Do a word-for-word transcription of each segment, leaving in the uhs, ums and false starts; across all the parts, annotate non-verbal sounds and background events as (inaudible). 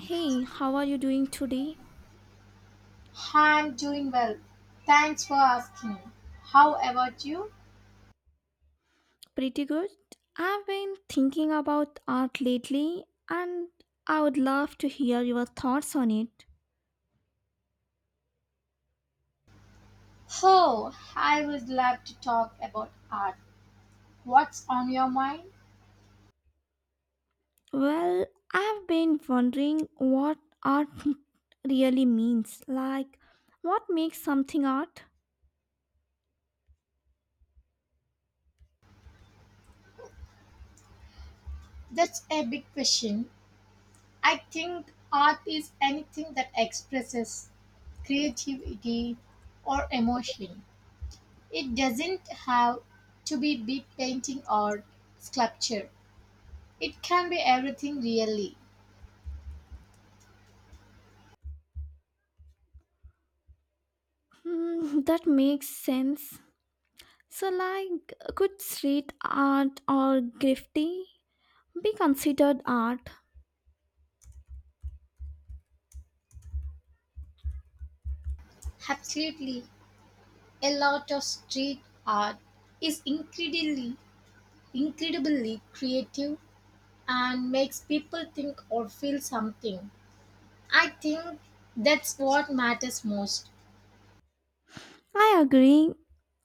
Hey, how are you doing today? I'm doing well. Thanks for asking. How about you? Pretty good. I've been thinking about art lately and I would love to hear your thoughts on it. Oh, I would love to talk about art. What's on your mind? Well, I've been wondering what art (laughs) really means. Like, what makes something art? That's a big question. I think art is anything that expresses creativity or emotion. It doesn't have to be big painting or sculpture. It can be everything really. Hmm, that makes sense. So, like, could street art or graffiti be considered art? Absolutely. A lot of street art is incredibly incredibly creative and makes people think or feel something. I think that's what matters most. I agree.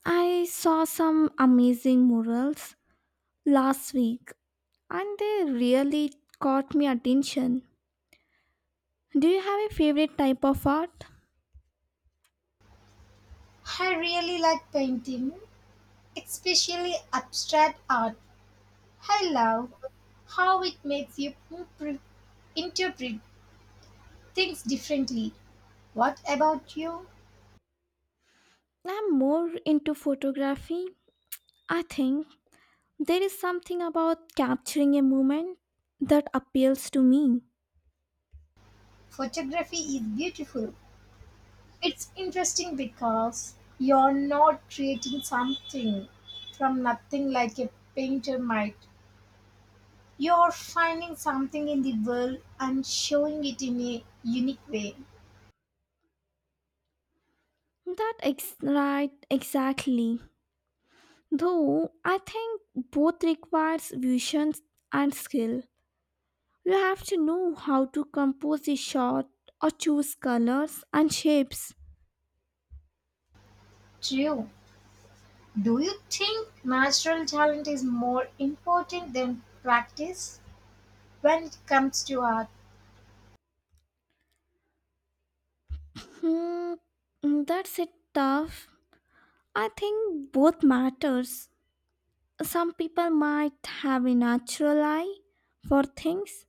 I saw some amazing murals last week and they really caught my attention. Do you have a favorite type of art? I really like painting, especially abstract art. I love how it makes you impre- interpret things differently. What about you? I'm more into photography. I think there is something about capturing a moment that appeals to me. Photography is beautiful. It's interesting because you're not creating something from nothing like a painter might. You're finding something in the world and showing it in a unique way. That ex- right, exactly. Though I think both requires vision and skill. You have to know how to compose a shot or choose colors and shapes. True. Do you think natural talent is more important than practice when it comes to art? Hmm, that's a tough I think both matters. Some people might have a natural eye for things,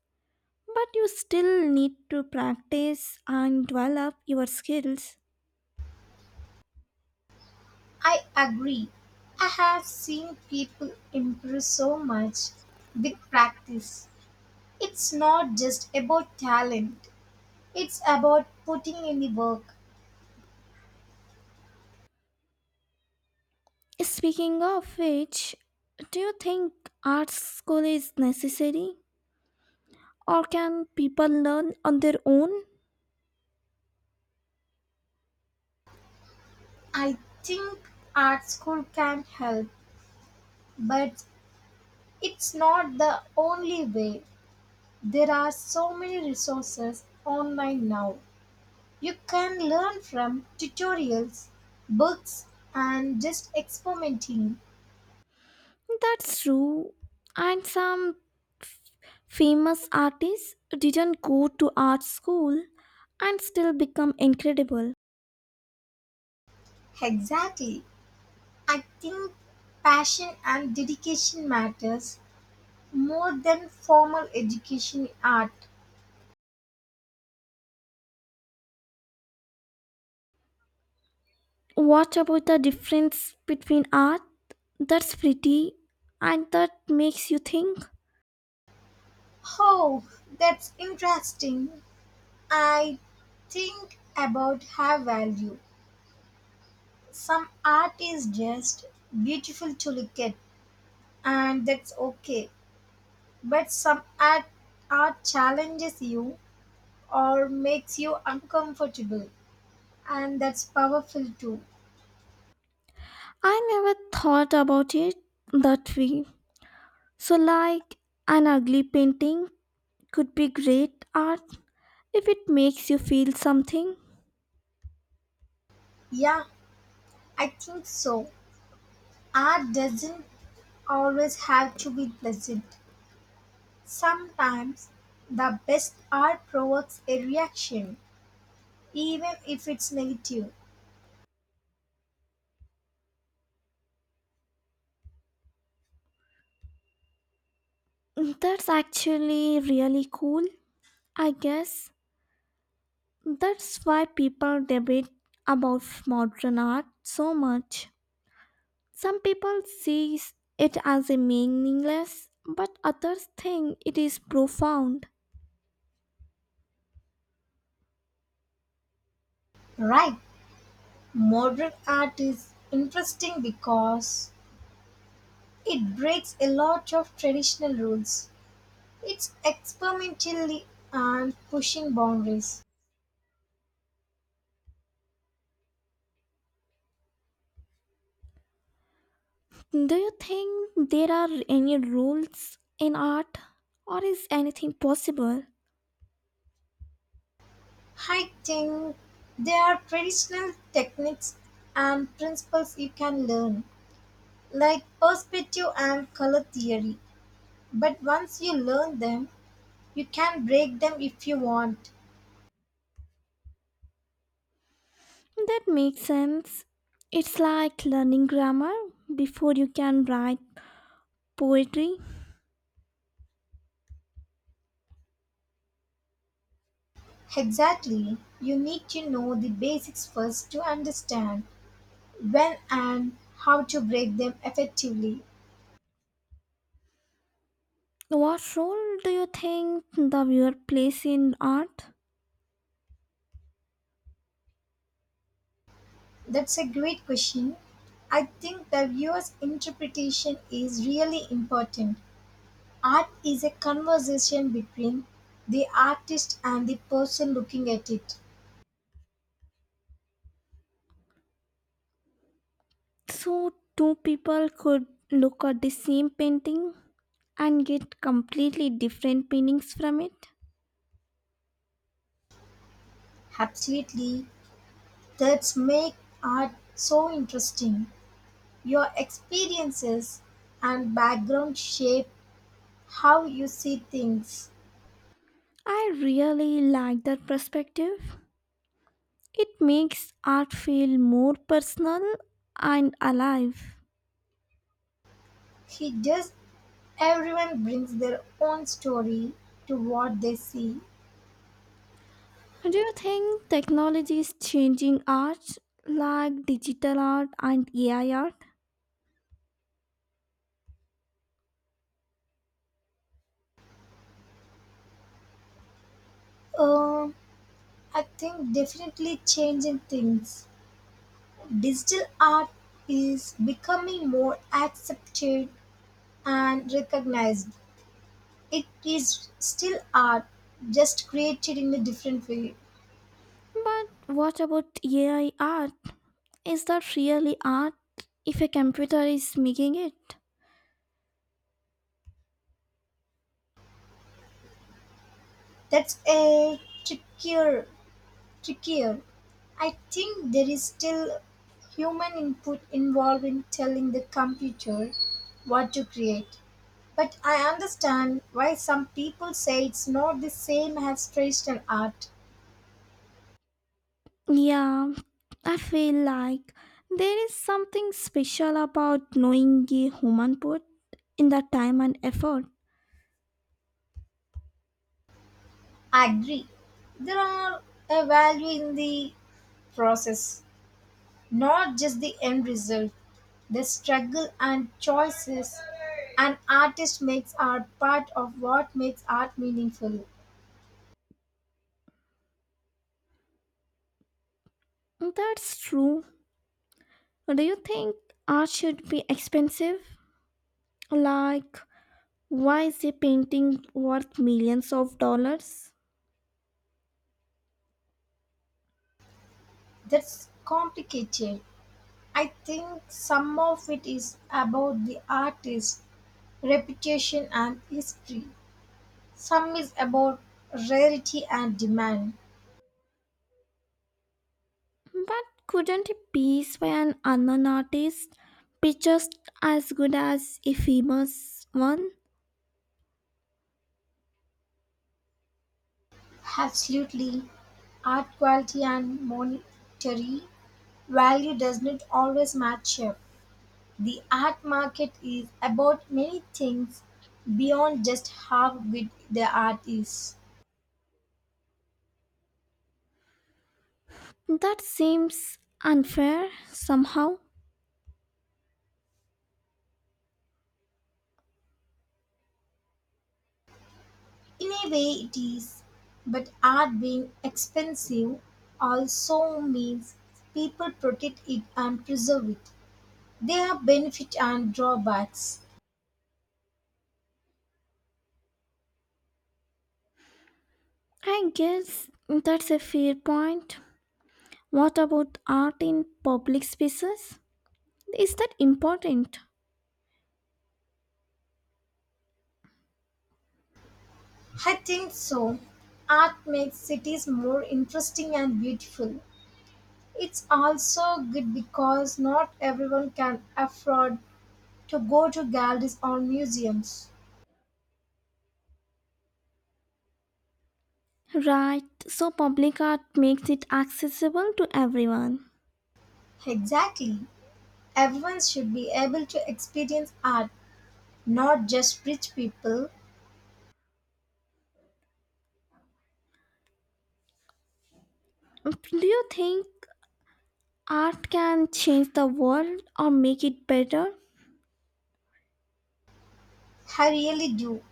but you still need to practice and develop your skills. I agree. I have seen people improve so much with practice. It's not just about talent, it's about putting in the work. Speaking of which, do you think art school is necessary or can people learn on their own? I think art school can help, but it's not the only way. There are so many resources online now. You can learn from tutorials, books, and just experimenting. That's true. And some f- famous artists didn't go to art school and still become incredible. Exactly. I think passion and dedication matters more than formal education in art. What about the difference between art that's pretty and that makes you think? Oh, that's interesting. I think about her value. Some art is just beautiful to look at, and that's okay. But some art, art challenges you or makes you uncomfortable, and that's powerful too. I never thought about it that way. So, like, an ugly painting could be great art if it makes you feel something. Yeah, I think so. Art doesn't always have to be pleasant. Sometimes the best art provokes a reaction, even if it's negative. That's actually really cool. I guess that's why people debate about modern art so much. Some people see it as a meaningless, but others think it is profound. Right, modern art is interesting because it breaks a lot of traditional rules. It's experimentally and pushing boundaries. Do you think there are any rules in art, or is anything possible? I think there are traditional techniques and principles you can learn, like perspective and color theory. But once you learn them, you can break them if you want. That makes sense. It's like learning grammar before you can write poetry. Exactly, you need to know the basics first to understand when and how to break them effectively. What role do you think the viewer plays in art? That's a great question. I think the viewer's interpretation is really important. Art is a conversation between the artist and the person looking at it. So, two people could look at the same painting and get completely different meanings from it. Absolutely. That's make art so interesting. Your experiences and background shape how you see things. I really like that perspective. It makes art feel more personal and alive. He just everyone brings their own story to what they see. Do you think technology is changing art like digital art and A I art? Um, I think definitely changing things. Digital art is becoming more accepted and recognized, it is still art, just created in a different way. But what about A I art? Is that really art if a computer is making it? That's a trickier trickier I think there is still human input involved in telling the computer what to create, but I understand why some people say it's not the same as traditional art. Yeah, I feel like there is something special about knowing a human put in the time and effort. I agree, there are a value in the process, not just the end result. The struggle and choices an artist makes are part of what makes art meaningful. That's true. Do you think art should be expensive? Like, why is a painting worth millions of dollars? That's complicated. I think some of it is about the artist's reputation, and history. Some is about rarity and demand. But couldn't a piece by an unknown artist be just as good as a famous one? Absolutely, art quality and monetary value does not always match up. The art market is about many things beyond just how good the art is. That seems unfair somehow. In a way, it is, but art being expensive also means people protect it and preserve it. There are benefits and drawbacks. I guess that's a fair point. What about art in public spaces? Is that important? I think so. Art makes cities more interesting and beautiful. It's also good because not everyone can afford to go to galleries or museums. Right, so public art makes it accessible to everyone. Exactly. Everyone should be able to experience art, not just rich people. Do you think art can change the world or make it better? I really do.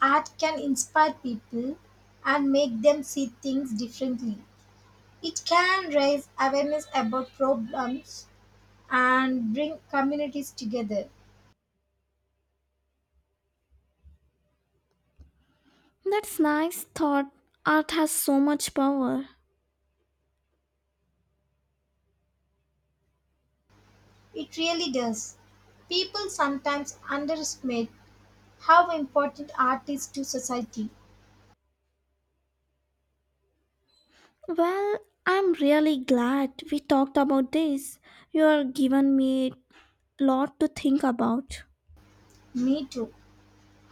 Art can inspire people and make them see things differently. It can raise awareness about problems and bring communities together. That's nice thought. Art has so much power. It really does. People sometimes underestimate how important art is to society. Well, I'm really glad we talked about this. You have given me a lot to think about. Me too.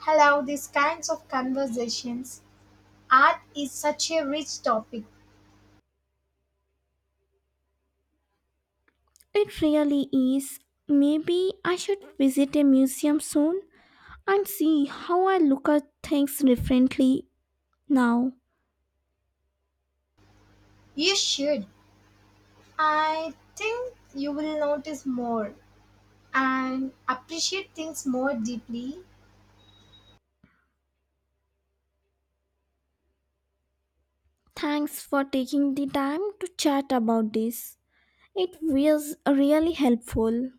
I love these kinds of conversations. Art is such a rich topic. It really is. Maybe I should visit a museum soon and see how I look at things differently now. You should. I think you will notice more and appreciate things more deeply. Thanks for taking the time to chat about this. It was really helpful.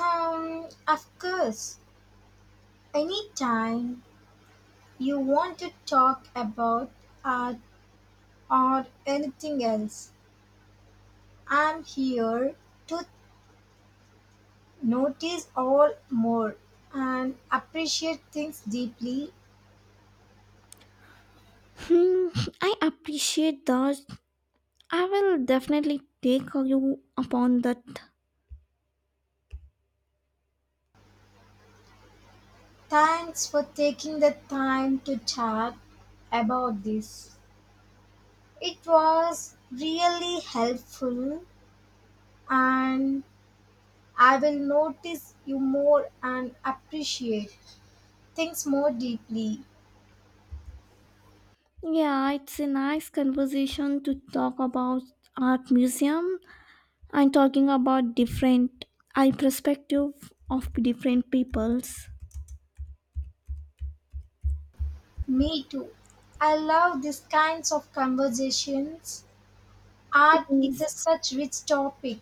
Um, of course, anytime you want to talk about art or anything else, I'm here to notice all more and appreciate things deeply. Hmm, I appreciate that. I will definitely take you upon that. Thanks for taking the time to chat about this. It was really helpful, and I will notice you more and appreciate things more deeply. Yeah, it's a nice conversation to talk about art museum and talking about different eye perspective of different peoples. Me too. I love these kinds of conversations. Art is Yes. a such rich topic.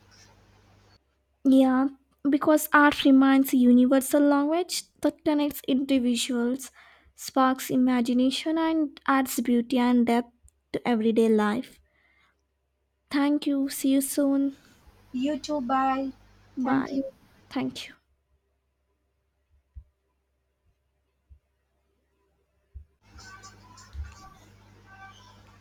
Yeah, because art remains a universal language that connects individuals, sparks imagination, and adds beauty and depth to everyday life. Thank you. See you soon. You too, bye. Thank Bye. you. Thank you.